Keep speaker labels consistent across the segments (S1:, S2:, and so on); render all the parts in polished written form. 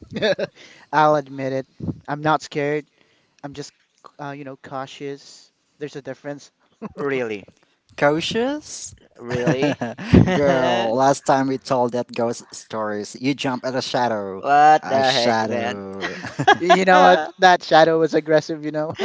S1: I'll admit it. I'm not scared. I'm just, cautious. There's a difference.
S2: Cautious? Bro, last time we told that ghost stories, you jump at a shadow. A shadow.
S1: You know what? That shadow was aggressive, you know.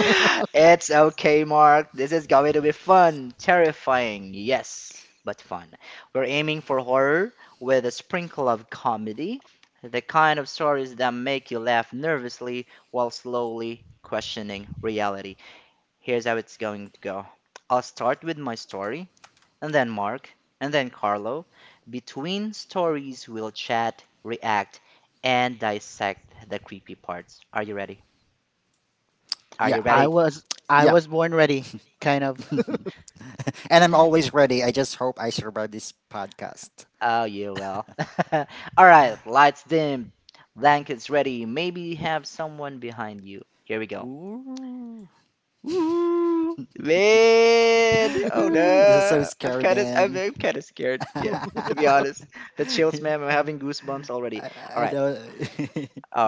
S2: Yeah.
S1: I was I
S2: Yep.
S1: was born ready, kind of.
S2: And I'm always ready. I just hope I survive this podcast. Ooh. This is so scary, man. Yeah, I, I know.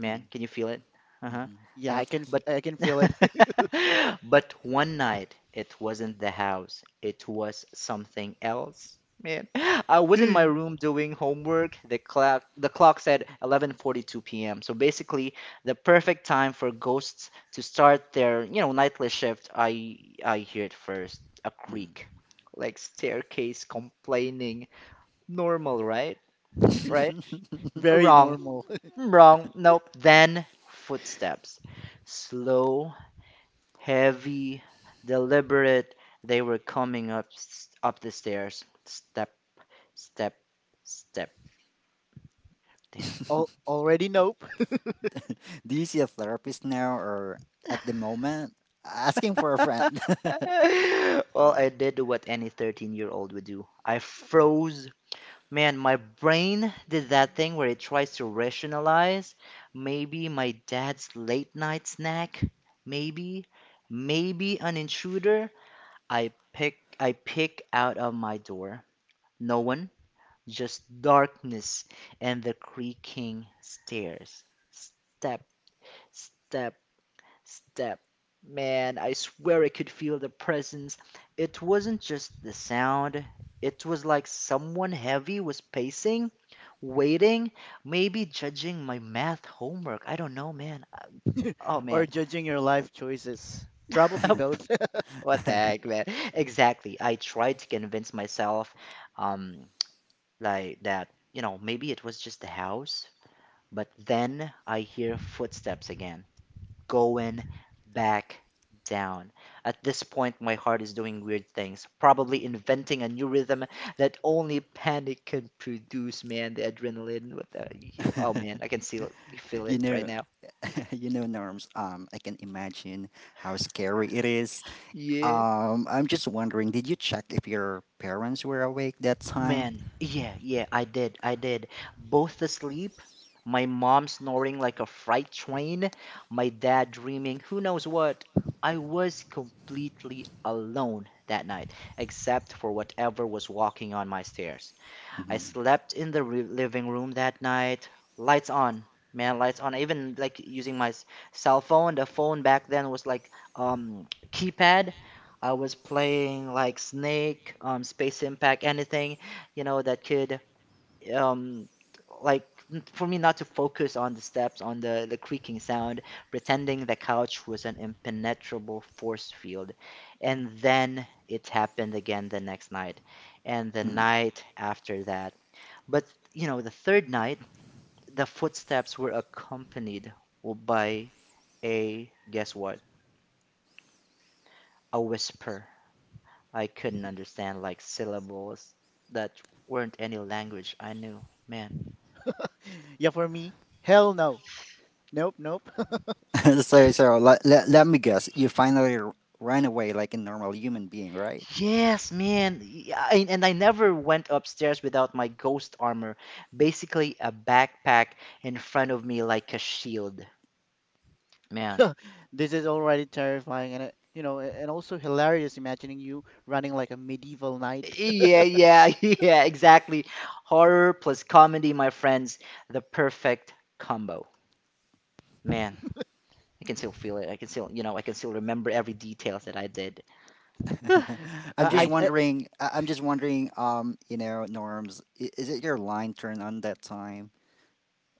S2: Mhm, mhm,
S1: Yeah, I can feel it.
S2: mhm.
S1: Very normal. Al already nope
S2: Do you see a therapist now or at the moment? Asking for a friend.
S1: or judging your life choices. Probably both.
S2: you know, Norms. I can imagine how scary it is. I'm just wondering, did you check if your parents were awake that time? hmm
S1: Yeah, for me, hell no. Nope, nope.
S2: so let me guess. You finally ran away like a normal human being, right?
S1: This is already terrifying and, and also hilarious imagining you running like a medieval knight.
S2: I'm just
S1: I, I
S2: wondering. I'm just wondering. Norms, is it your line turn on that time?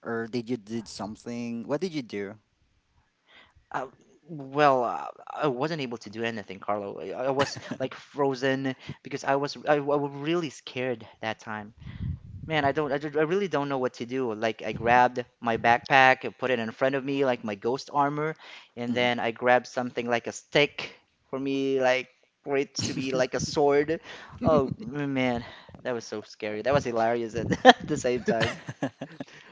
S2: Or did you did something? What did you do? Hmm,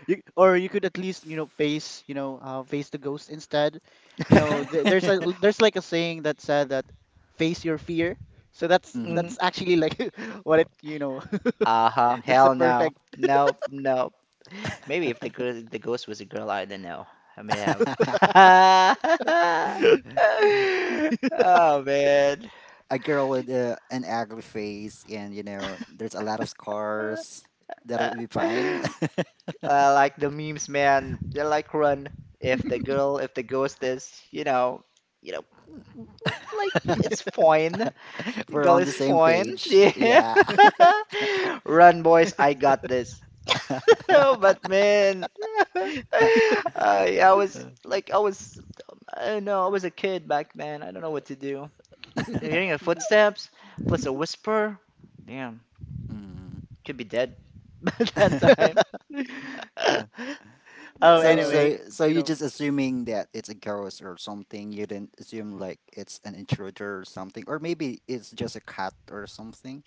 S1: or you could at least, you know, face the ghost instead. You know, th there's a there's like a saying that said that face your fear. So that's
S2: hmm,
S1: that's actually like what it.
S2: hmm.
S1: that's the perfect.
S2: A girl with an ugly face, and there's a lot of scars. That would be fine. We're on the same page. Yeah. Mm.
S1: Oh,
S2: So
S1: anyway,
S2: so so
S1: you
S2: you're
S1: know.
S2: just assuming that it's a ghost or something. You didn't assume like it's an intruder or something, or maybe it's just a cat or something.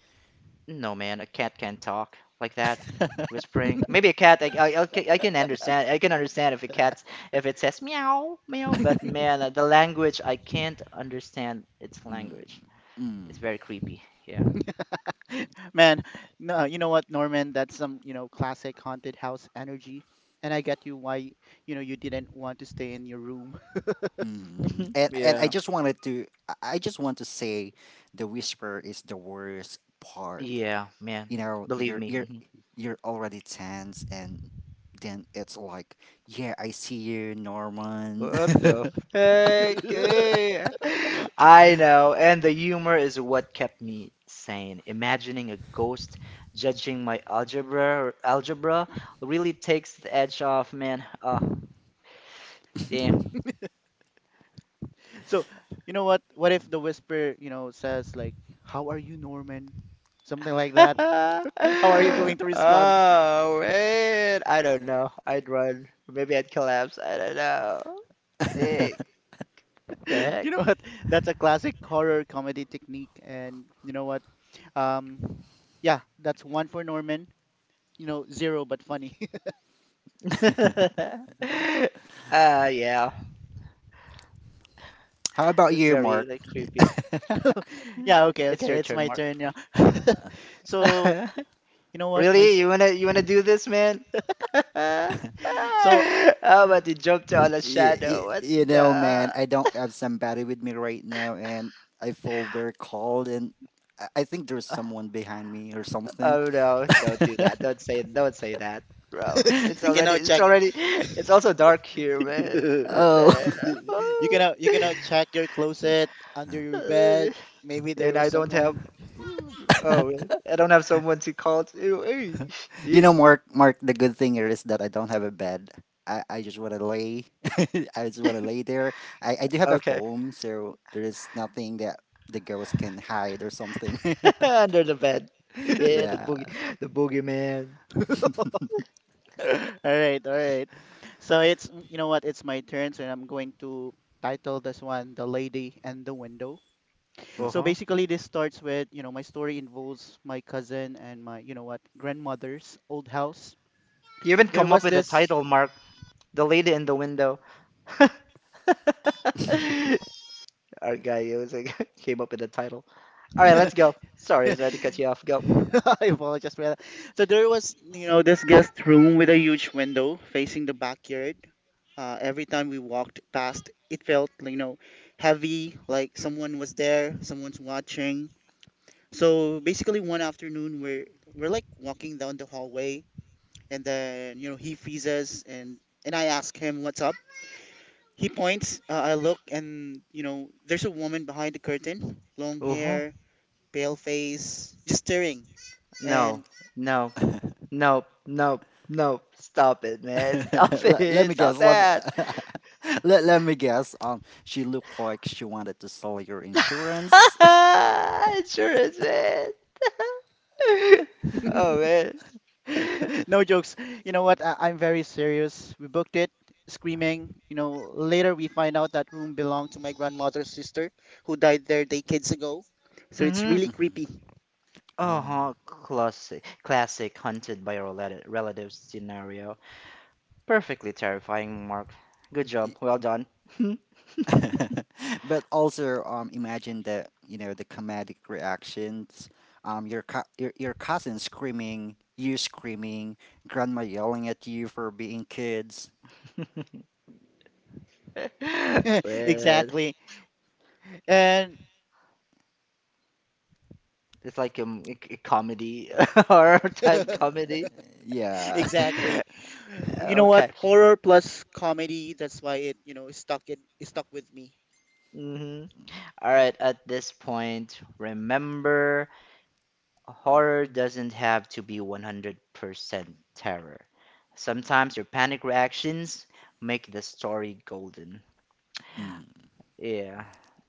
S2: Mm. Mm.
S1: Man, no, you know what, Norman? That's some, you know, classic haunted house energy. And I get you why, you know, you didn't want to stay in your room.
S2: And I just wanted to I just want to say the whisper is the worst part. You know, you're already tense and then it's like, yeah, I see you, Norman.
S1: So, you know what? What if the whisper, you know, says like, "How are you, Norman?" Something like that. How are you going to respond? You know what? That's a classic horror comedy technique. And you know what? Um, yeah, that's one for Norman. You know, zero but funny.
S2: How about you, Mark?
S1: Yeah, okay, okay. It's my turn, yeah. So, you know what? So
S2: You know, man, I don't have somebody with me right now, and I feel very cold, and I think there's someone behind me or something.
S1: you can now check
S2: Oh.
S1: you, you can now check your closet under your bed. Maybe there was someone.
S2: You know, Mark, Mark, the good thing here is that I don't have a bed. I just want to lay. I just want to lay there. I do have a phone, so there is nothing that the girls can hide or something. Yeah.
S1: All right, all right. So it's you know what? It's my turn, so I'm going to title this one "The Lady and the Window." So
S2: hmm
S1: basically, this starts with you know my story involves my cousin and my you know what grandmother's old house. There was this. I apologize for that. So there was, you know, this guest room with a huge window facing the backyard. Every time we walked past, it felt, you know, heavy, like someone was there, someone's watching. So basically, one afternoon, we're like walking down the hallway, and then you know he freezes, and I ask him what's up. He points. I look, and you know, there's a woman behind the curtain, long hair, pale face, just staring. And.
S2: let me guess. Let me guess. She looked like she wanted to sell your insurance.
S1: No jokes. You know what? I'm very serious. We booked it, screaming. You know, later we find out that room belonged to my grandmother's sister, who died there decades ago. So it's really
S2: hmm
S1: creepy.
S2: Oh. but also, imagine the comedic reactions, your cousin screaming, you screaming, grandma yelling at you for being kids.
S1: Exactly. And
S2: Yeah.
S1: exactly. You know what? Horror plus comedy. That's why it, you know, stuck with me.
S2: Mm.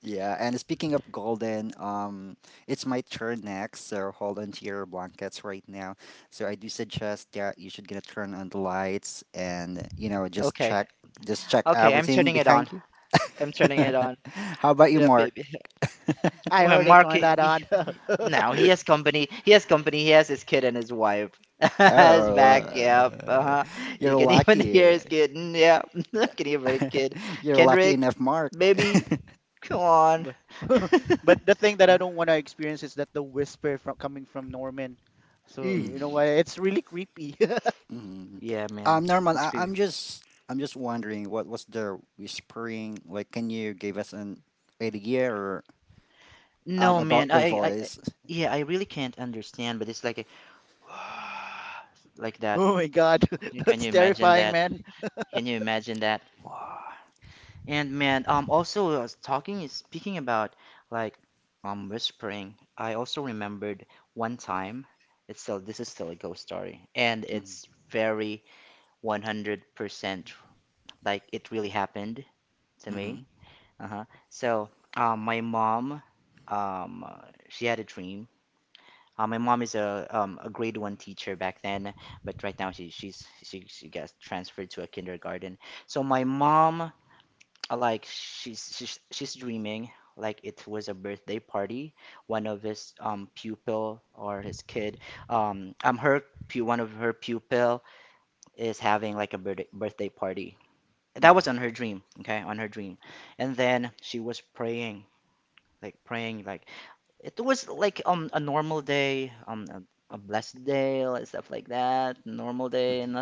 S2: Yeah, and speaking of golden, it's my turn next, so hold on to your blankets right now. So I do suggest that you should gonna turn on the lights, and just check everything behind you. How about you, Mark?
S1: I already turned that on.
S2: Oh, you're lucky. You're lucky enough, Mark.
S1: But but the thing that I don't want to experience is that the whisper from coming from Norman. So you know
S2: Mm,
S1: what? It's really creepy.
S2: mm. Norman, I'm just wondering what was the whispering like? Can you give us an idea or about the voice?
S1: Oh my God, that's
S2: Mm,
S1: terrifying, man.
S2: mhm, mhm, mhm, mhm,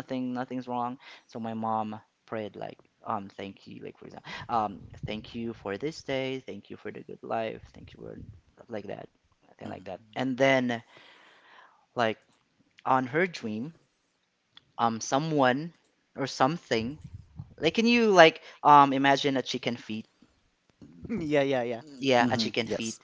S1: Yeah, yeah, yeah.
S2: mhm, mhm, yes.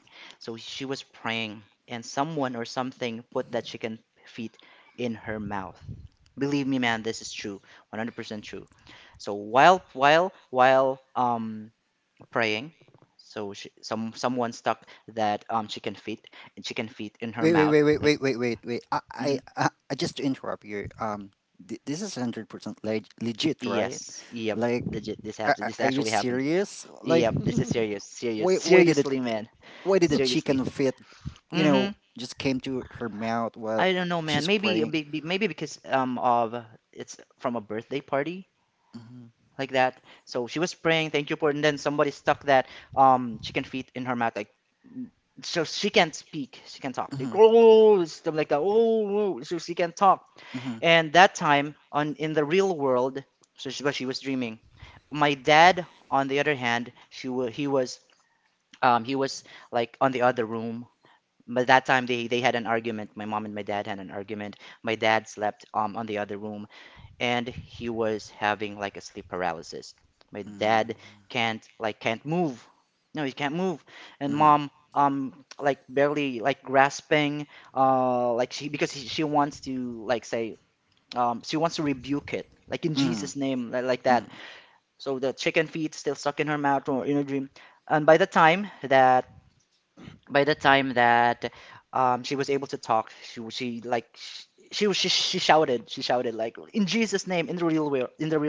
S2: Wait, wait, wait, wait, wait, wait, wait, wait. Just to interrupt you. This is 100% legit, right? Like, are you serious? Like, why, why did it, why did the chicken feet, you know, just came to her mouth while she's praying? Mhm, mhm, mhm, mm, mhm, mhm, mhm,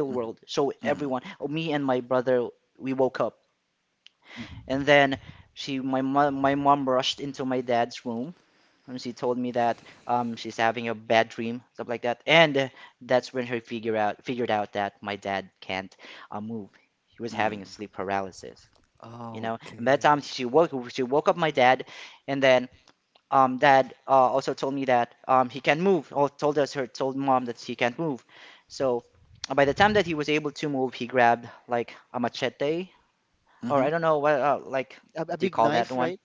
S2: mhm, mhm, mhm, mhm. Okay. Mhm,
S1: A big knife, right?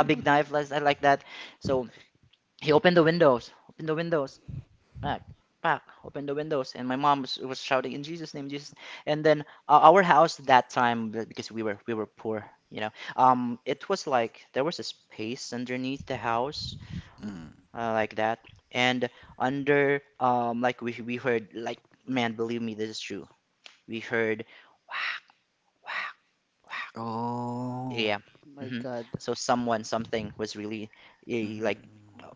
S2: mhm. Oh.
S1: My God.
S2: Mhm,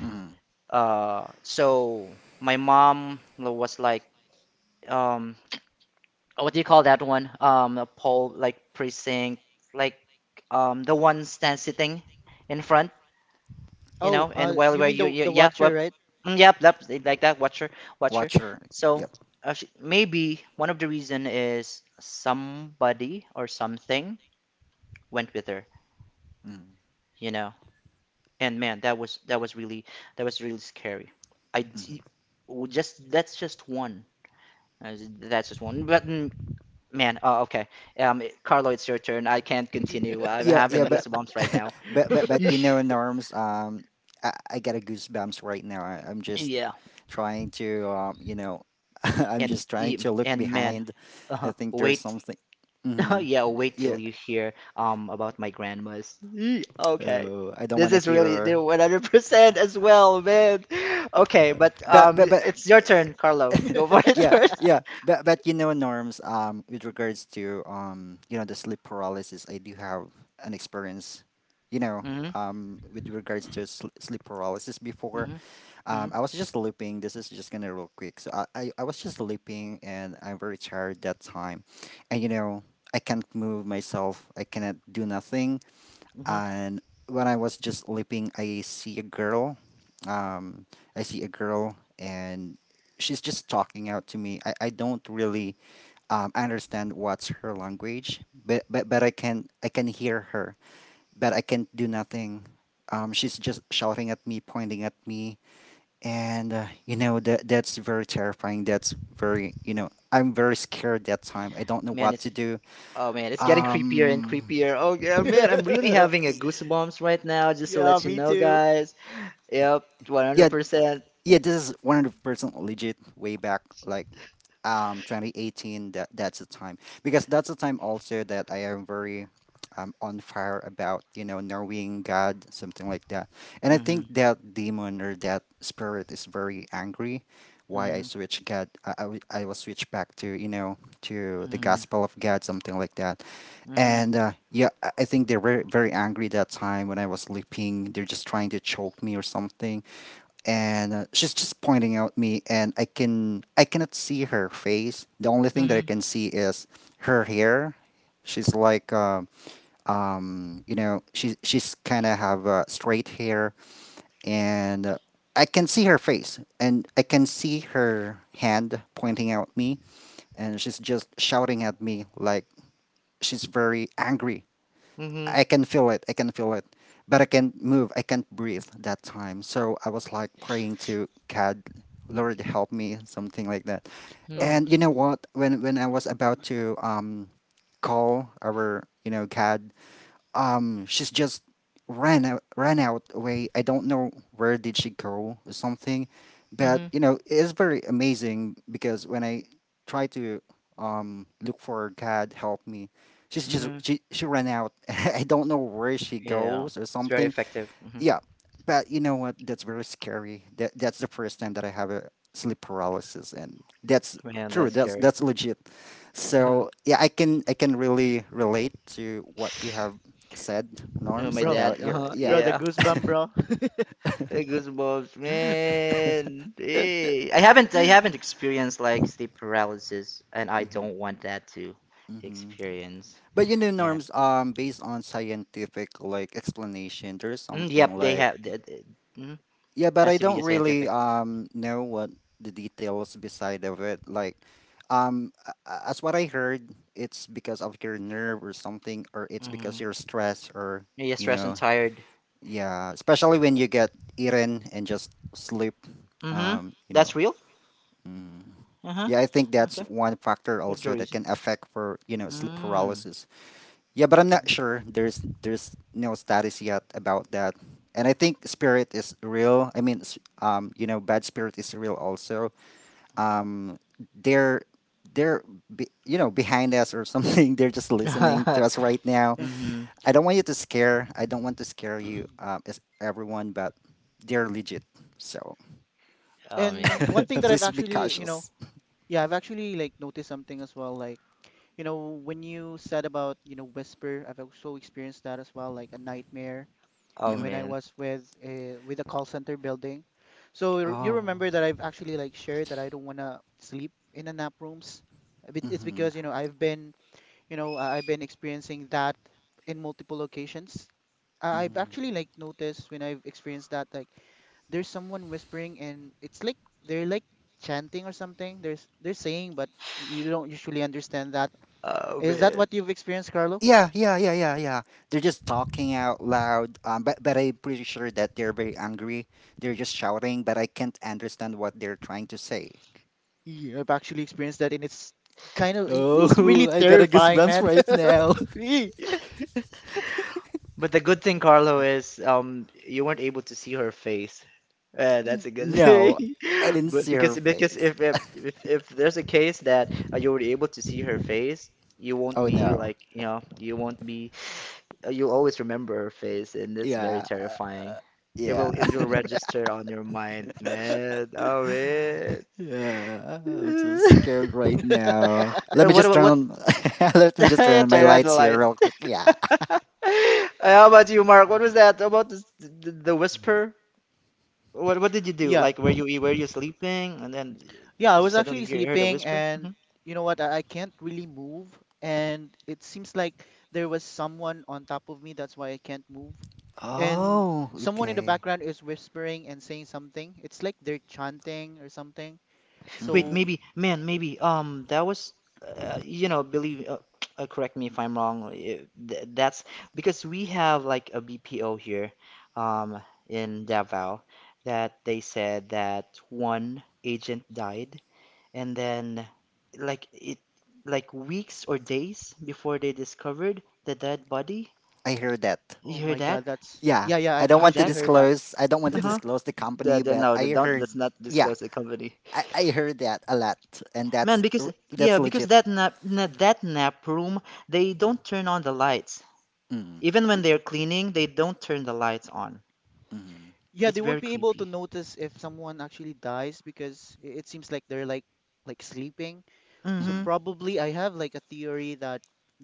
S2: mhm,
S1: Oh, you mean the Watcher, right?
S2: watcher. Yep. Mm. hmm Yeah, yeah. but But Norms, I got a goosebumps right now. I, I'm just trying to, I'm just trying to look behind. I think there's something. hmm Yeah. Oh, I don't want to hear her. But yeah, yeah, but Norms, with regards to the sleep paralysis, I do have an experience. You know, with regards to sleep paralysis before. I was just sleeping. This is just gonna real quick. So I was just sleeping, and I'm very tired that time, and I can't move myself. I cannot do nothing, and when I was just leaping, I see a girl. Um, I see a girl, and she's just talking out to me. I don't really understand what's her language, but, but I can hear her, but I can't do nothing. She's just shouting at me, pointing at me, and that's very terrifying. That's very you know I'm very scared that time. I don't know what to do. Um, y-
S1: Yeah, me too.
S2: yeah, yeah, this is 100% legit way back like 2018, that's the time because that's the time also that I am very on fire about, knowing God, something like that. And I think that demon or that spirit is very angry why I switch God. I was switched back to, the gospel of God, something like that. And yeah, I think they were very angry that time when I was sleeping. They're just trying to choke me or something, and she's just pointing out me. And I cannot see her face. The only thing that I can see is her hair. She's like she's kind of have straight hair. And I can see her face, and I can see her hand pointing out me. And she's just shouting at me like she's very angry. I can feel it. I can feel it. But I can't move. I can't breathe that time. So I was like praying to God, Lord, help me, something like that.
S1: Oh,
S2: And you know what? When I was about to call our God, she's just ran out, away. I don't know where did she go or something. But it's very amazing, because when I try to look for God help me, she's just she ran out. I don't know where she goes or something. Yeah, but you know what? That's very scary. That's the first time that I have a sleep paralysis, and that's true. That's legit. So yeah, I can really relate to what you have said, Norms,
S1: bro,
S2: about your yeah.
S1: bro, the goosebump, bro.
S2: Mm-hmm, mm-hmm. But Norms, based on scientific like explanation, there's something like... Yeah, but I don't really know what the details beside of it. Like, as what I heard, it's because of your nerve or something, or it's because you're stressed, or you know, yeah. Especially when you get eaten and just sleep, um, you know. Yeah, I think that's one factor also that can affect for sleep paralysis. Yeah, but I'm not sure. There's no status yet about that. And I think spirit is real. I mean, bad spirit is real also. Um, they're they're be, behind us or something. They're just listening to us right now.
S1: Yeah.
S2: I don't want you to scare. I don't want to scare you, as everyone. But they're legit. So,
S1: And one thing that I've
S2: please be
S1: actually, you know,
S2: cautious.
S1: yeah, I've actually like noticed something as well. Like, you know, when you said about, you know, whisper, I've also experienced that as well, like a nightmare.
S2: Hmm.
S1: When I was with the call center building. So you
S2: Oh.
S1: remember that I've actually like shared that I don't want to sleep in the nap rooms. It's
S2: Hmm.
S1: because you know I've been experiencing that in multiple occasions. I've actually like noticed when I've experienced that like there's someone whispering and it's like they're like chanting or something. There's They're saying but you don't usually understand that. Is that what you've experienced, Carlo?
S2: Yeah, yeah, yeah, yeah, yeah. They're just talking out loud. But I'm pretty sure that they're very angry. They're just shouting, but I can't understand what they're trying to say.
S1: Yeah, I've actually experienced that and it's kind of it's really
S2: Oh. I got a
S1: terrifying,
S2: goosebumps
S1: man.
S2: right now.
S1: Ee,
S2: No, I didn't see her face. Oh no. Yeah, yeah, yeah. I'm so scared right now. Let me just turn on. Let me just turn on my lights here real quick. Yeah.
S1: Yeah, yeah, I was actually sleeping and you know what? I can't really move and it seems like there was someone on top of me, that's why I can't move. And
S2: Oh,
S1: someone in the
S2: okay.
S1: background is whispering and saying something. It's like they're chanting or something. So,
S2: Mm-hmm. I heard that.
S1: oh my God, that's
S2: Yeah,
S1: yeah, yeah, I've actually heard that.
S2: I don't want to disclose the company, but I heard, yeah, I heard that a lot. And that's legit. mm, y- mhm,
S1: Yeah, they won't be able to notice if someone actually dies because it seems like they're like sleeping. So
S2: mhm,
S1: probably I have like a theory that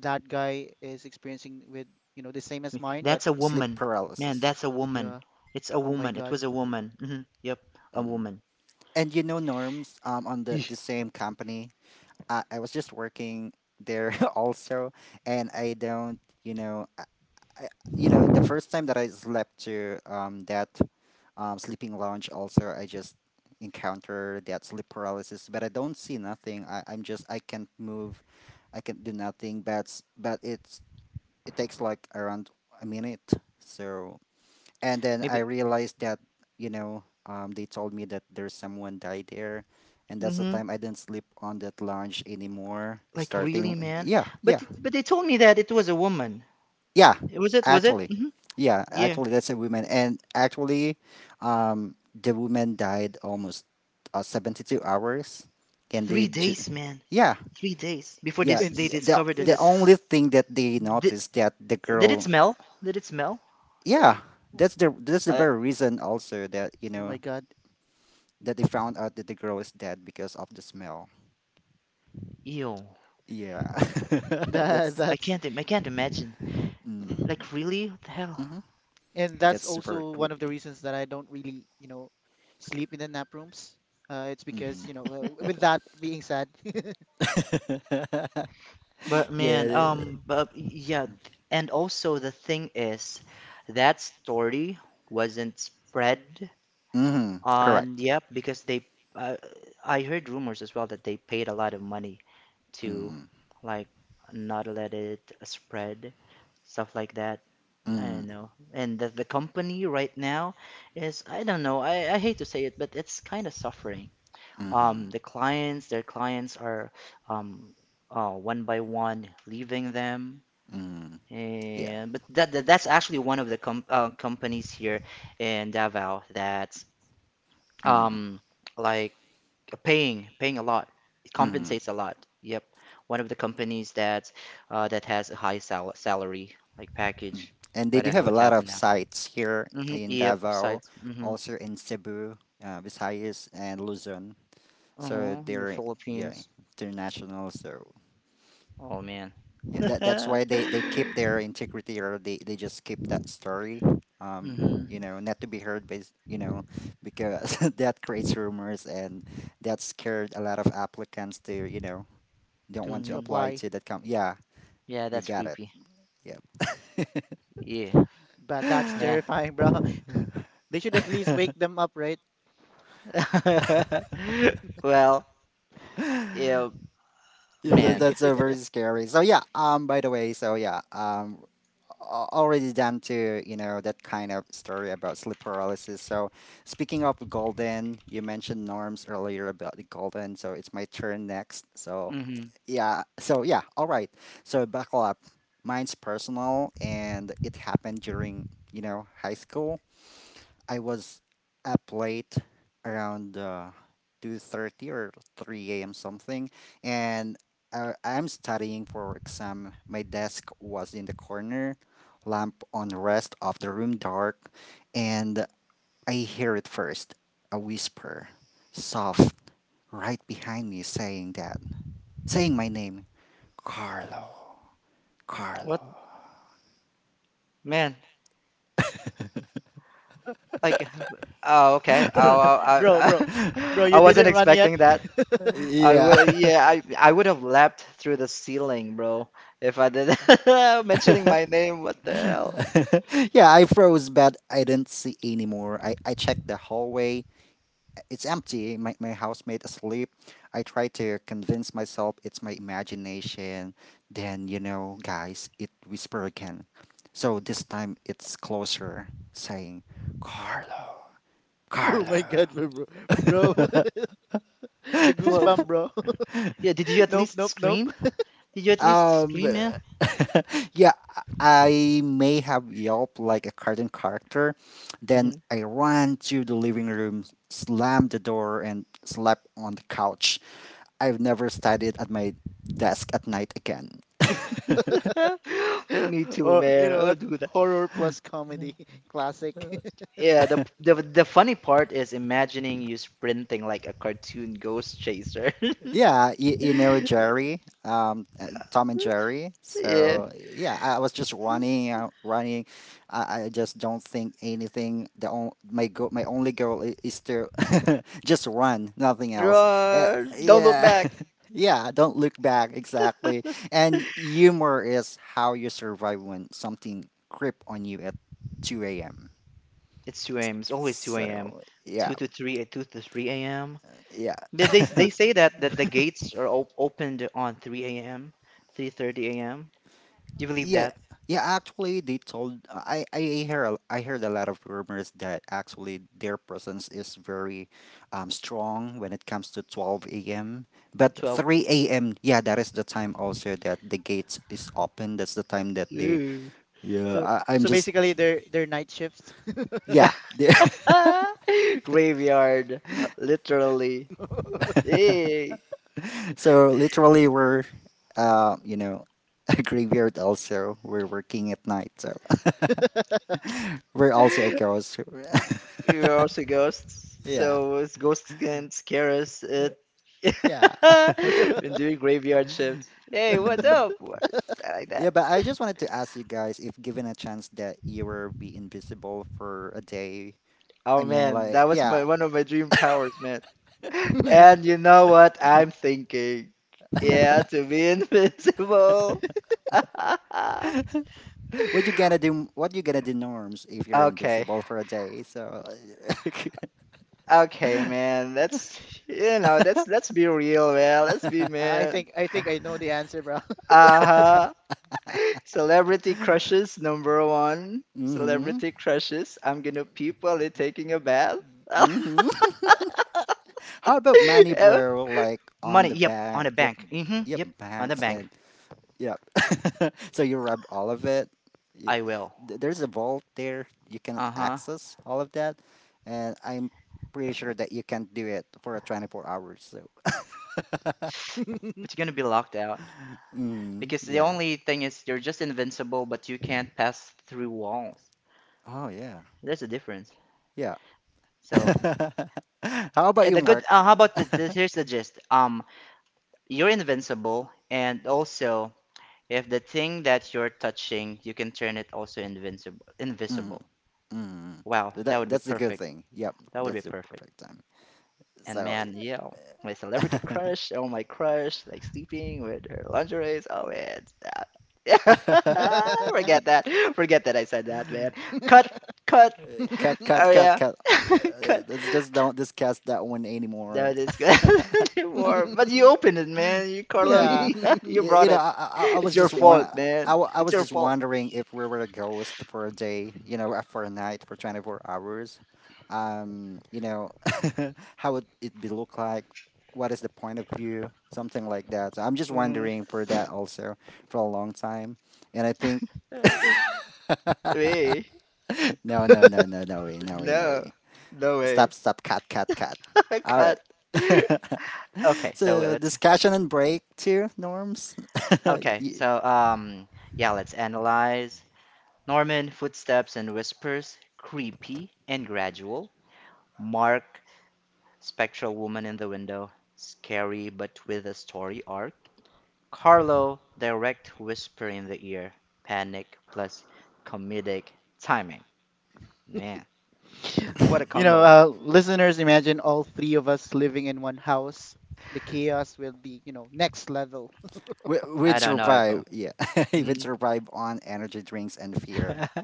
S1: that guy is experiencing with, you know, the same as mine, but
S2: sleep paralysis,
S1: yeah. Oh my God.
S2: mhm. And Norms, on the same company, I was just working there also. And I don't I, the first time that I slept to that sleeping lounge, also, I just encounter that sleep paralysis, but I don't see nothing. I, I'm just, I can't move, I can't do nothing, but, but it takes like around a minute. So, and then I realized that, they told me that there's someone died there. And that's the time I didn't sleep on that lounge anymore. Starting, yeah, yeah, yeah, actually. Yeah, actually, that's a woman. And actually, the woman died almost 72 hours. And yeah, yeah.
S1: It's
S2: The only
S1: it's
S2: thing that they noticed that the girl, yeah, that's the very reason also that,
S1: oh my God.
S2: that they found out that the girl is dead because of the smell. Yeah.
S1: That
S2: that's,
S1: that's
S2: mm, hmm
S1: and that's
S2: that's super
S1: also one of the
S2: creepy.
S1: reasons that I don't really, you know, sleep in the nap rooms. It's because,
S2: hmm
S1: you know, with that being said,
S2: yeah. Mhm. Correct. Mm. Mhm. Mhm. Mhm. Yeah. Mhm. Mhm. Mm. And they do have a lot of sites here in Davao, also in Cebu, Visayas, and Luzon. So they're, yeah, international. So yeah, that's why they keep their integrity, or they just keep that story. Um. Not to be heard, by, because that creates rumors and that scared a lot of applicants to, don't want to
S1: to
S2: apply
S1: apply,
S2: to that company. Yeah, you got it. Yep.
S1: but that's terrifying, bro. They should at least wake them up, right?
S2: Yeah, that's very scary. So yeah, by the way, so yeah, already done, to you know that kind of story about sleep paralysis. So speaking of golden, you mentioned Norms earlier about the golden, so it's my turn next. So yeah, so yeah, all right. So buckle up. Mine's personal, and it happened during high school. I was up late around 2:30 or 3 a.m. something, and I'm studying for exam. My desk was in the corner, lamp on, rest of the room dark, and I hear it first, a whisper, soft, right behind me saying that, saying my name, Carlo, Carlo.
S1: Bro, bro, bro, you didn't run yet?
S2: Yeah. Yeah, I froze, but I didn't see anymore. I checked the hallway. It's empty. My housemate asleep. I tried to convince myself it's my imagination. Then, you know, guys, it whispered again. So this time it's closer, saying, Carlo,
S1: Oh my
S2: Carlo.
S1: God, bro, bro. Bro, the goosebump, bro. Nope, nope, nope.
S2: Um, yeah, I may have yelped like a cartoon character. Then I ran to the living room, slammed the door, and slept on the couch. I've never studied at my desk at night again.
S1: Or you know what? Horror plus comedy, classic.
S2: Yeah, you know Jerry, Tom and Jerry. So yeah, I was just running, running. I just don't think anything. The on, my go, My only goal is to just run, nothing else. Uh, yeah, yeah. Don't look back, exactly. And humor is how you survive when something creep on you at two a.m. So yeah, yeah.
S1: Uh,
S2: Yeah, yeah. Actually, they told I hear I heard a lot of rumors that actually their presence is very strong when it comes to 12 a.m. But 3 a.m. Yeah, that is the time also that the gates is open. That's the time that they. Yeah,
S1: so
S2: I'm
S1: so
S2: just
S1: basically, they're night shifts.
S2: yeah. So literally, we're uh you know a graveyard also. We're working at night, so we're also a ghost. Yeah. Yeah. Hmm. Yeah, but I just wanted to ask you guys if given a chance that you were be invisible for a day. I mean, like, yeah, what you gonna do? What you gonna do, Norms, if you're invisible for a day? So,
S1: I think I know the answer, bro.
S2: mm-hmm, mm-hmm. How about money, bro? Like on the bank, yep, yep, banks and yeah. So you rub all of it. Y- y- There's a vault there. You can access all of that, and I'm pretty sure that you can do it for a 24 hours. So, mm, yeah. Oh yeah. Yeah. How about you, Mark? Mm, mm. That's the good thing. Yep, that's the perfect time. So, cut, cut, cut, cut. Let's just don't discuss that one anymore. Yeah, you know, I was just one. I was just wondering if we were a ghost for a day, you know, for a night, for 24 hours. You know, how would it be look like? What is the point of view? Something like that. So I'm just wondering for that also for a long time. And I think, no, no, no, no, no way, no way, no way. Stop, stop, cut, cut, cut. All right. So discussion and break too, Norms. Y-
S1: You know, listeners, imagine all three of us living in one house. The chaos will be, you know, next level.
S2: we'd survive. Yeah, we'd survive on energy drinks and fear.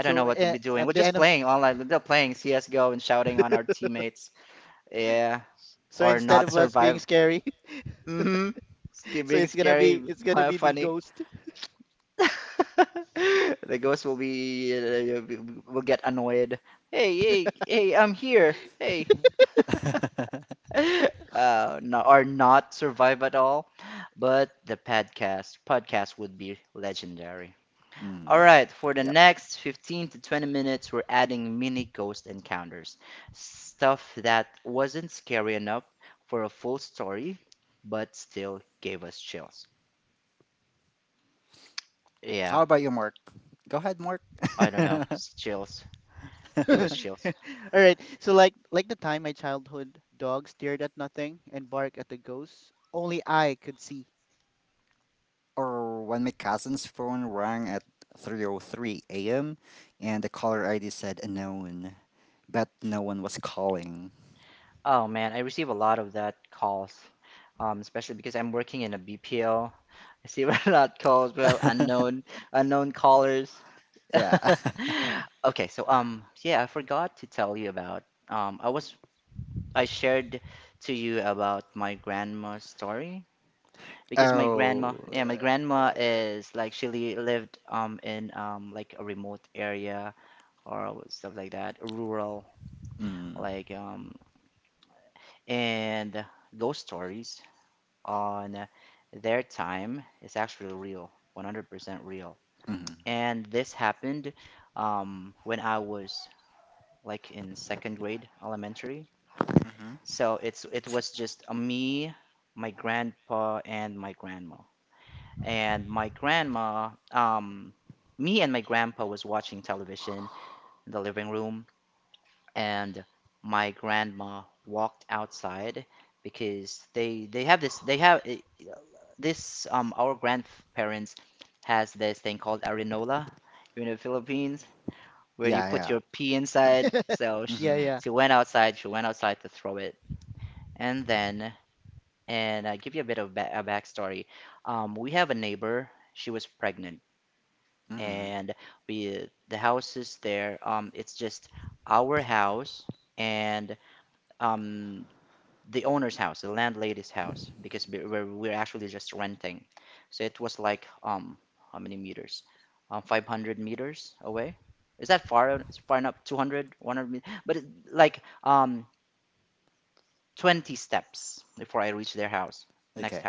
S1: So at the end of, so instead of us being scary, so it's gonna be the ghost.
S2: Mm, yep. How about you, Mark? Go ahead, Mark.
S1: All right. So like the time my childhood dog stared at nothing and barked at the ghost, only I could see.
S2: Or when my cousin's phone rang at 3:03 a.m. and the caller ID said unknown, but no one was calling. Yeah. Oh. Mm, mm, mm-hmm. Yeah, yeah.
S1: Yeah,
S2: Mm-hmm,
S1: yeah.
S2: mm-hmm. Okay.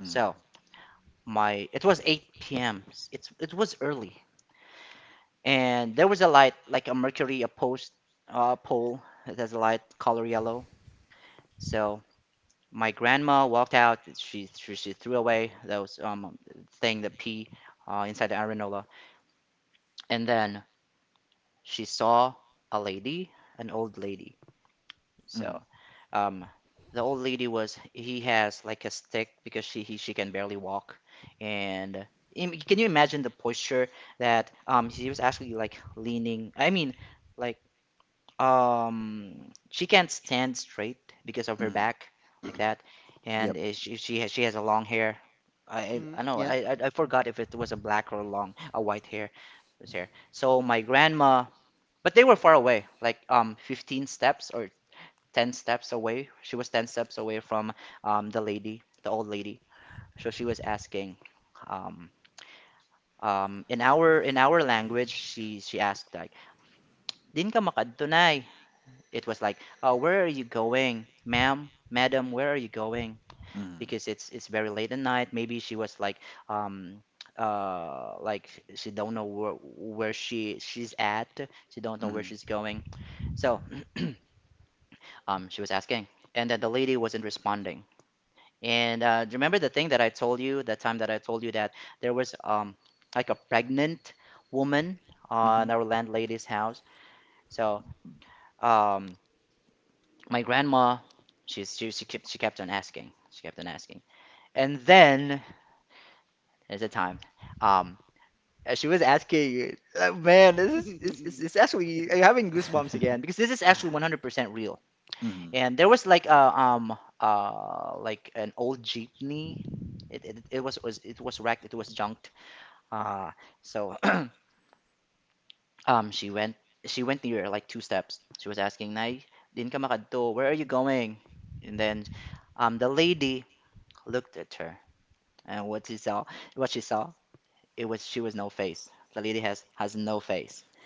S2: Mm, mm, mm. Yep.
S1: Mm, yes.
S2: Mm, mm. Hmm. Hmm.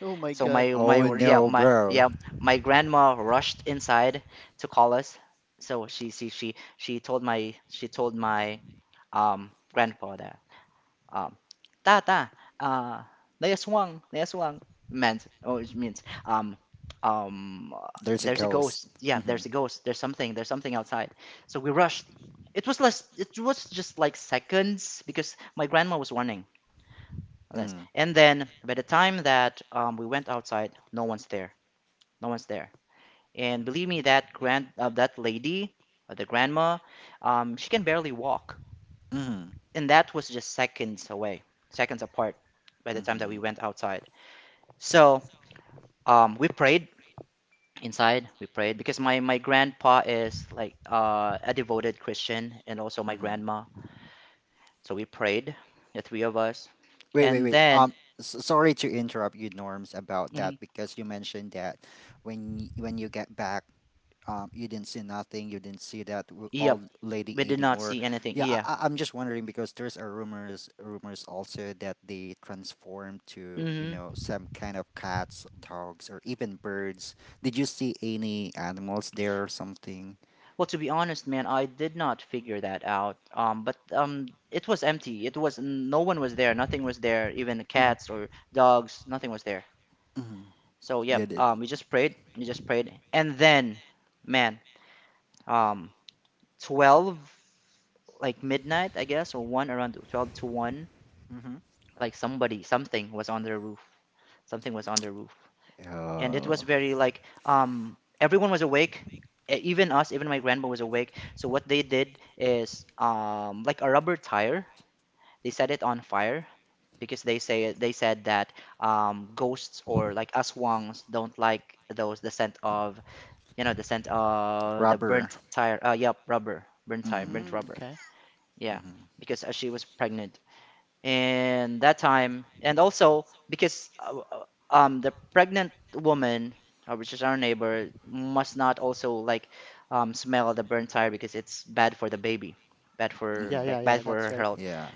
S1: Oh my God.
S2: Oh no, bro. There's a ghost. Hmm hmm hmm hmm hmm. Wait, wait, wait. Sorry to interrupt you, Norms, about that because you mentioned that when when you get back, you didn't see nothing, you didn't see that old lady anymore. Yeah, I'm just wondering because there's a rumors also that they transform to, you know, some kind of cats, dogs, or even birds. Did you see any animals there or something? Mm-hmm, mm-hmm. Yeah, did. Mm-hmm. Oh, rubber. Mm,
S1: Mm, okay.
S2: mm-hmm,
S1: Yeah,
S2: mm-hmm.
S1: yeah, yeah. That's right.
S2: Yeah.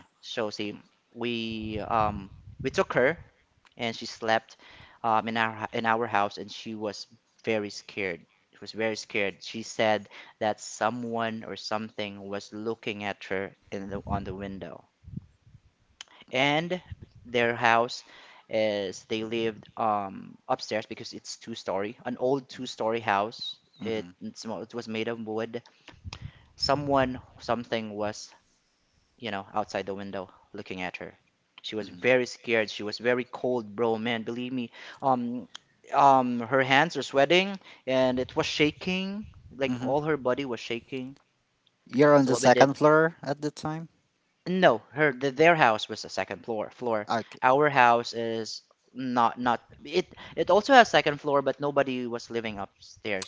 S2: Mm-hmm, mm-hmm, mm-hmm. You're on the second floor at the time? Okay.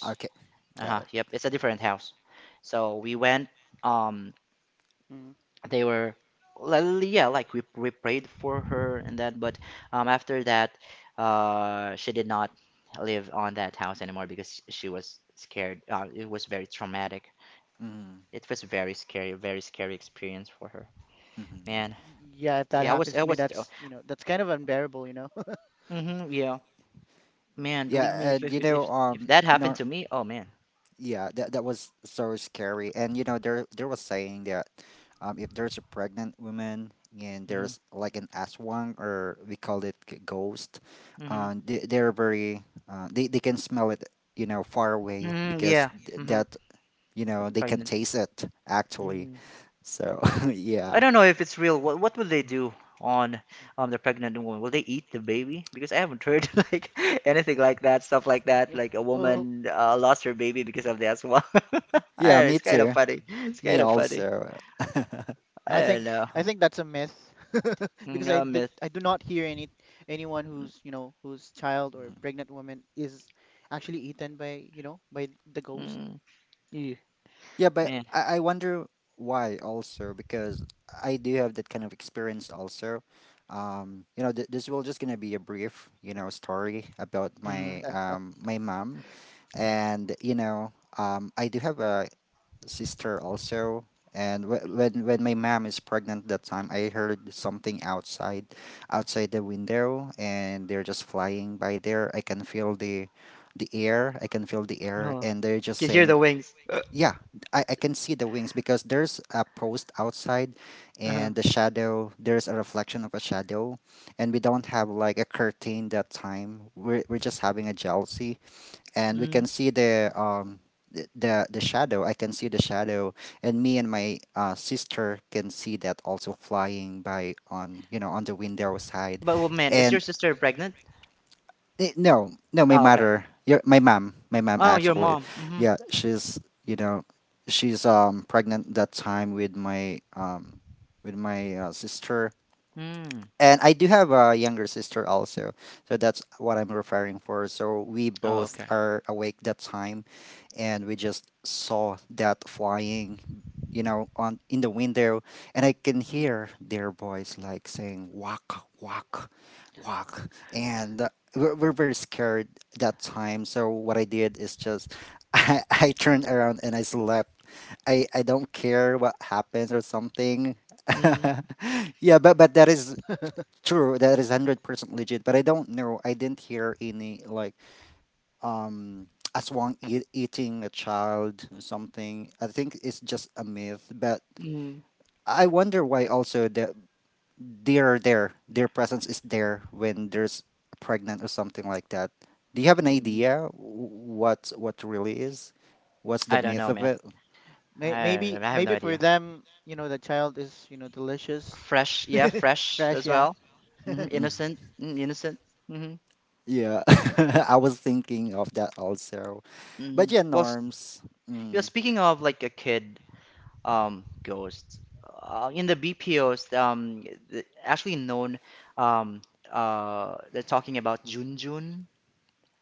S2: Okay, got it.
S1: Mm.
S2: Mm-hmm. Mm-hmm.
S1: Y- Yeah, if that happens to me, that's you know that's kind of unbearable, you know.
S2: Yeah, and you know, no, yeah, that was so scary. And you know, there was saying that, if there's a pregnant woman and there's like an aswang, or we call it ghost, they're very, they can smell it, you know, far away because that, you know, they can taste it actually. So yeah,
S1: Oh,
S2: yeah, me too. Me also.
S1: I think that's a myth because I do not hear anyone who's you know whose child or
S2: Mhm.
S1: pregnant woman is actually eaten by you know by the ghost.
S2: Yeah, but I wonder why also because I do have that kind of experience also. You know, this will just gonna be a brief, you know, story about my my mom, and you know, I do have a sister also. And when my mom is pregnant that time, I heard something outside, outside the window, and they're just flying by there. I can feel the air. I can feel the air, and they're just saying, yeah, I can see the wings because there's a post outside and the shadow, there's a reflection of a shadow. And we don't have like a curtain that time. We're just having a jealousy and we can see the the shadow. I can see the shadow, and me and my sister can see that also flying by, on you know, on the window side. And eh, no, no, my mother, your my mom actually, yeah, she's, you know, she's pregnant that time with my sister, and I do have a younger sister also, so that's what I'm referring for. So we both are awake that time, and we just saw that flying, you know, on in the window, and I can hear their voice like saying "walk, walk, walk," and we're very scared that time. So what I did is just I turned around and I slept. I don't care what happens or something. Yeah, but that is true, that is 100% legit. But I don't know. I didn't hear any like um aswang eat, eating a child or something. I think it's just a myth. But I wonder why also that they're there. Their presence is there when there's pregnant or something like that. Do you have an idea what really is? What's the myth of it?
S1: Maybe maybe for them you know the child is you know delicious, fresh. Yeah,
S2: Mm. Yeah, I was thinking of that also. But yeah, Norms. Mm.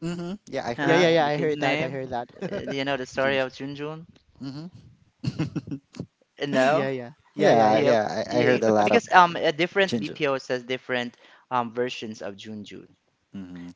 S2: Mm-hmm. Yeah, I
S1: yeah,
S2: heard
S1: yeah,
S2: that.
S1: yeah. I heard that. I heard that.
S2: Hmm.
S1: Yeah, yeah, yeah, yeah,
S2: Yeah,
S1: yeah.
S2: yeah. I heard a lot of ginger. Mm-hmm.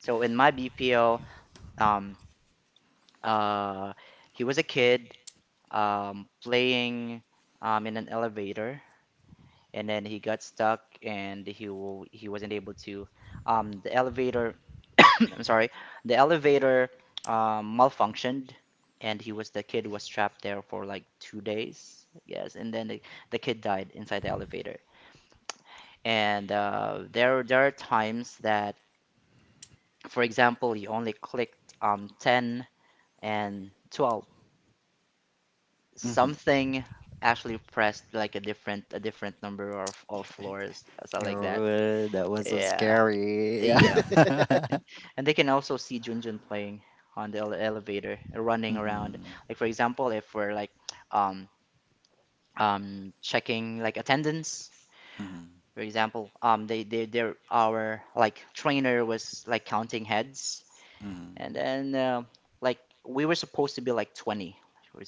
S2: Mm-hmm. Oh, that was so scary. Yeah. Mm-hmm. Mm-hmm. Mm-hmm.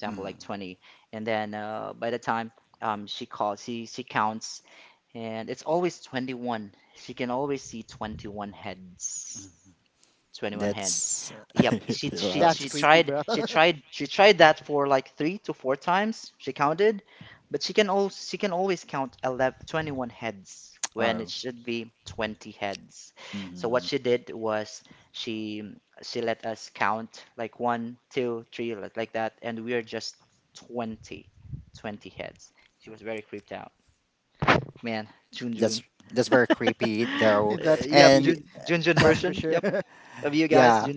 S2: Mm-hmm. That's
S1: That's
S2: hilarious.
S1: creepy, bro.
S2: Oh, mm-hmm. that's that's very creepy though,
S1: That's creepy.
S2: and
S1: That's for sure.
S2: yeah.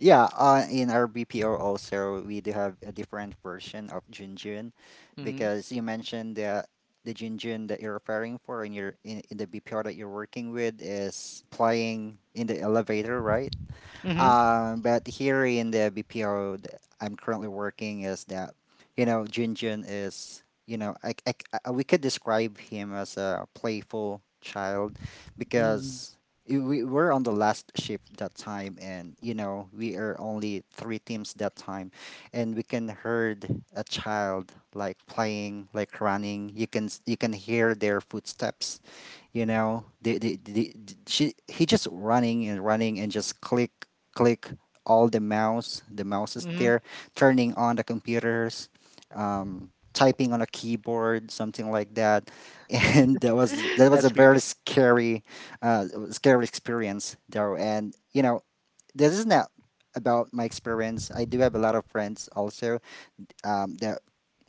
S2: Yeah, in our BPO also we do have a different version of Junjun, because you mentioned that the Junjun that you're referring for in your in the BPO that you're working with is playing in the elevator, right? But here in the BPO that I'm currently working is that, you know, Jinjin is, you know, we could describe him as a playful child because I- we were on the last shift that time, and, you know, we are only three teams that time, and we can heard a child like playing, like running. You can, you can hear their footsteps, you know, the she he just running and running, and just click click all the mouse, the mouse is there, turning on the computers, typing on a keyboard, something like that. And that was a very scary scary experience though. And you know, this is not about my experience, I do have a lot of friends also, that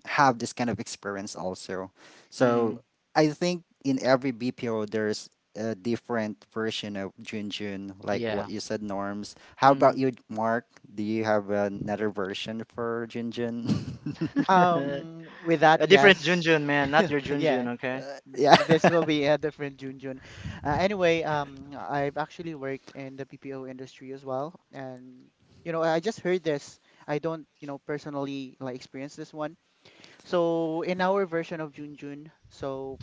S2: have this kind of experience also. So I think in every BPO there's a different version of Junjun, like what you said, Norms. How about you, Mark? Do you have another version for Junjun?
S1: With that, yes, yeah.
S2: Yeah.
S1: This will be a different Junjun. Anyway, I've actually worked in the PPO industry as well, and you know, I just heard this. I don't, you know, personally like experience this one. So in our version of Junjun, so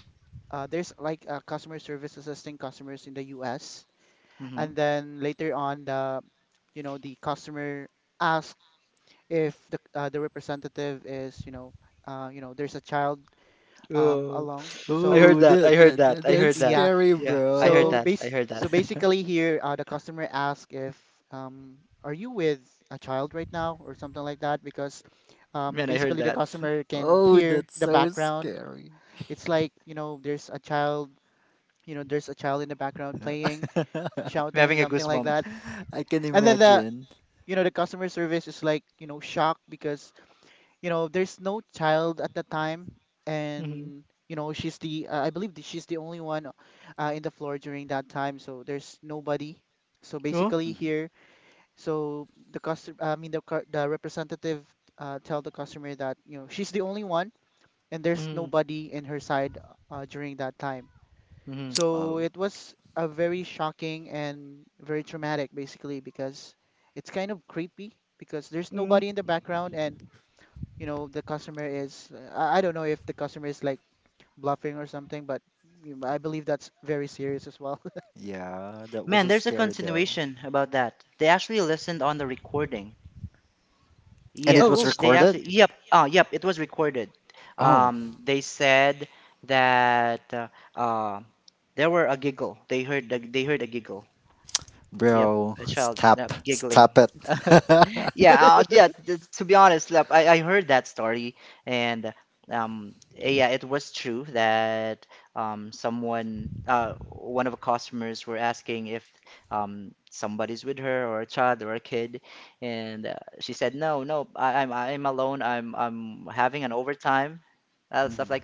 S1: there's like a customer service assisting customers in the U.S. and then later on the, you know, the customer asks if the the representative is, you know, there's a child along. So.
S2: Oh, that's
S1: Yeah,
S2: scary,
S1: So
S2: bro.
S1: base so basically here, the customer asks if are you with a child right now or something like that because basically the customer can
S2: Oh,
S1: hear
S2: that's
S1: the
S2: so
S1: background.
S2: scary.
S1: It's like, you know, there's a child, you know, there's a child in the background playing, shouting, something like that.
S2: I can
S1: And then the,
S2: imagine.
S1: you know, the customer service is like, you know, shocked because you know, there's no child at the time, and you know, she's the I believe that she's the only one in the floor during that time, so there's nobody. So basically
S2: Mhm.
S1: here, so the customer, I mean the the representative tell the customer that you know she's the only one, and there's nobody in her side during that time. So
S2: Oh.
S1: it was a very shocking and very traumatic, basically, because it's kind of creepy because there's nobody in the background and you know the customer is I don't know if the customer is like bluffing or something but you- I believe that's very serious as well.
S2: Yeah, that was so scary though. And it
S1: Oh
S2: was
S1: oh
S2: recorded? Oh, bro, stop, stop it. Mhm.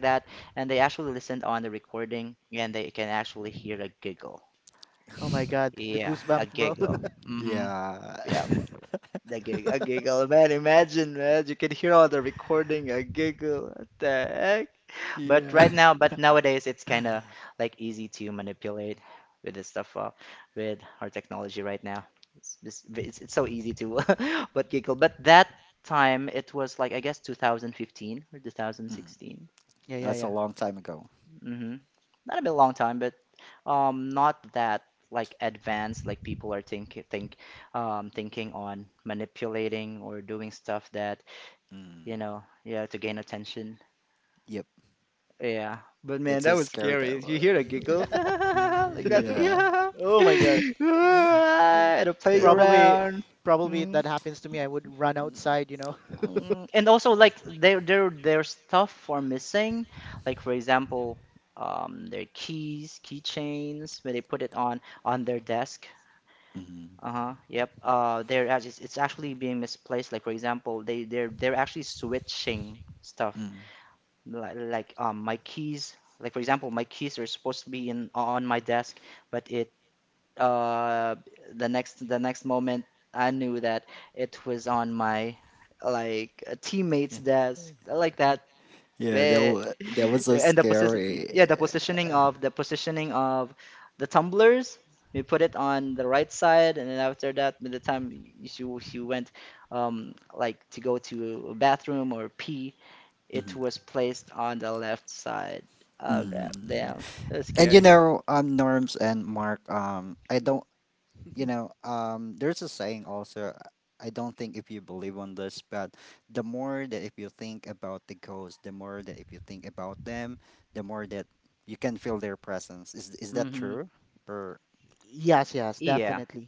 S1: oh my God, the goosebumps, bro.
S2: Yeah. Yeah. Mhm.
S1: Yeah, yeah,
S2: That's a
S1: yeah,
S2: long time ago. Mm. Yep. That's so scary though. Yeah. Yeah.
S1: oh my God.
S2: Yeah.
S1: Probably probably if that happens to me, I would run outside, you know.
S2: Mhm. Mm. Yeah, that was so scary. Mhm. Mhm. And you know, Norms and Mark, I don't, you
S1: Mm.
S2: know, there's a saying also. I don't think if you believe on this, but the more that if you think about the ghosts, the more that if you think about them, the more that you can feel their presence. Is that true? Or
S1: Yes, yes, definitely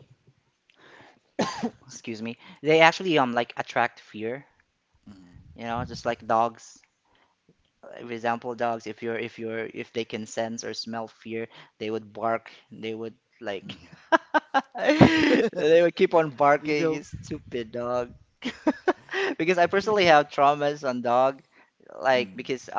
S2: mm, mm,
S1: evil.
S2: mm.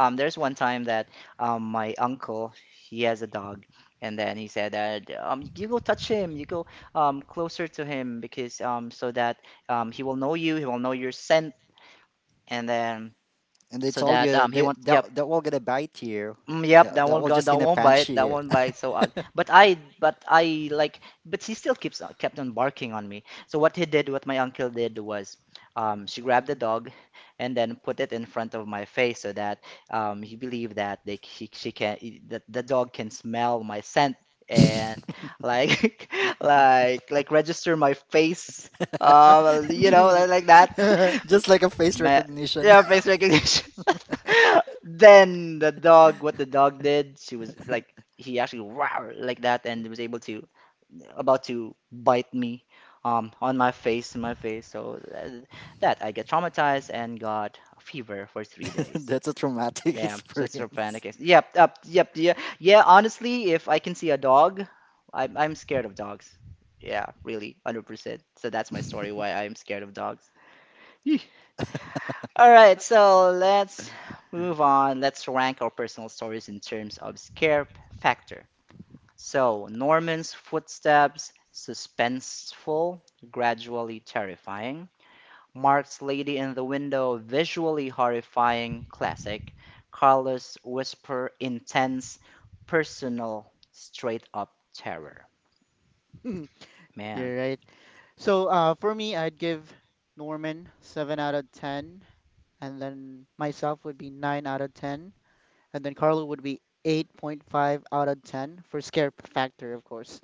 S2: And they told you they that will gonna bite you. That will just gonna punch you.
S1: You're
S2: Just like a face recognition. That's a traumatic experience.
S1: right. So for me, I'd give Norman 7 out of 10, and then myself would be 9 out of 10. And then Carlo would be 8.5 out of 10 for scare factor, of course.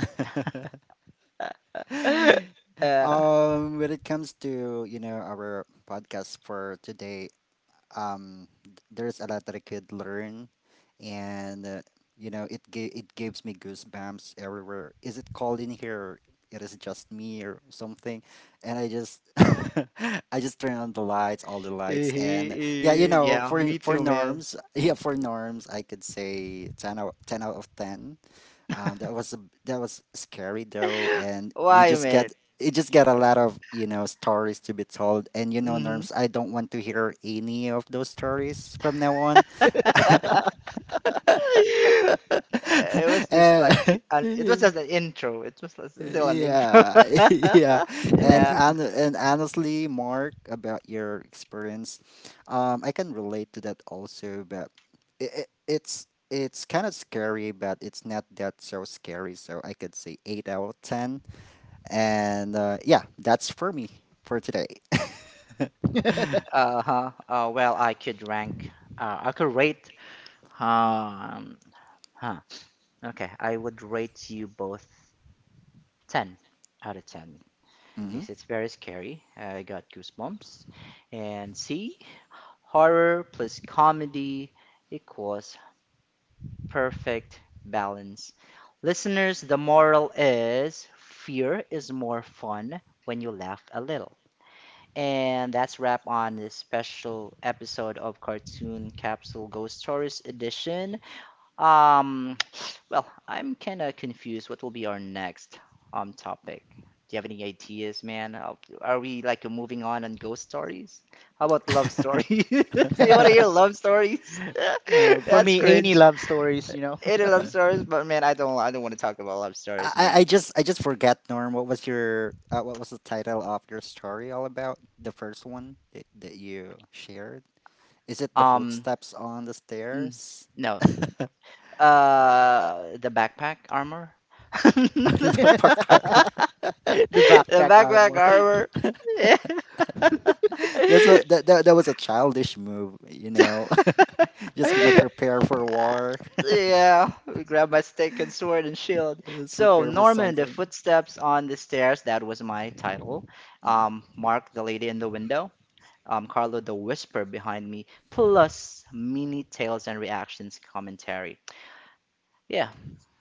S2: When it comes to, you know, our podcast for today, there's a lot that I could learn, and you know, it it gives me goosebumps everywhere. Is it cold in here? Or it is just me or something, and I just I just turn on the lights, all the lights, and yeah, you know, for Norms, yeah, for Norms, I could say ten out of ten, that was scary though, and you just get, you just get a lot of, you know, stories to be told. And you know, Norms, I don't want to hear any of those stories from now on. Eh, yeah, yeah. And honestly, Mark, about your experience, I can relate to that also. But it's kind of scary, but it's not that so scary. So I could say 8 out of 10. And yeah, that's for me for today. Hmm.
S1: For me, any love stories, you know,
S2: I just forget Norm. What was your, what was the title of your story all about? The first one that, that you shared. Is it the footsteps on the stairs? Uh, about Park.
S1: the backpack armor.
S2: That's what that, that was a childish move. You know, just gonna prepare for war. Just prepare for something. Mm-hmm.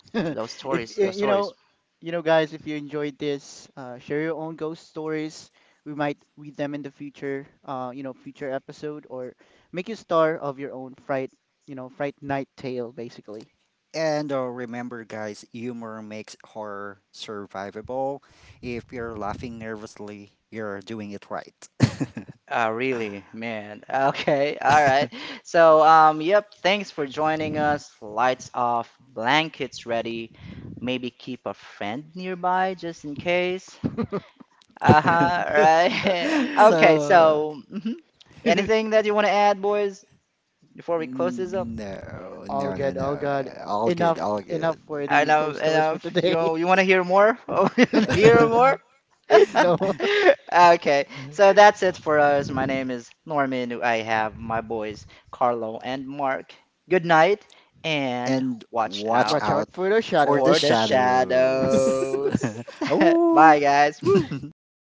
S1: If you know, you know, guys, if you enjoyed this, share your own ghost stories. We might read them in the future, you know, future episode, or make a star of your own fright, you know, fright night tale, basically.
S2: And remember, guys, humor makes horror survivable. If you're laughing nervously, you're doing it right. So, no,
S1: All
S2: no, no,
S1: good, all
S2: no.
S1: good.
S2: All good,
S1: Enough,
S2: all
S1: enough
S2: good.
S1: for the ghost stories for today. No,
S2: And watch
S1: watch out
S2: out
S1: for the
S2: for the
S1: shadows.
S2: shadows. Oh!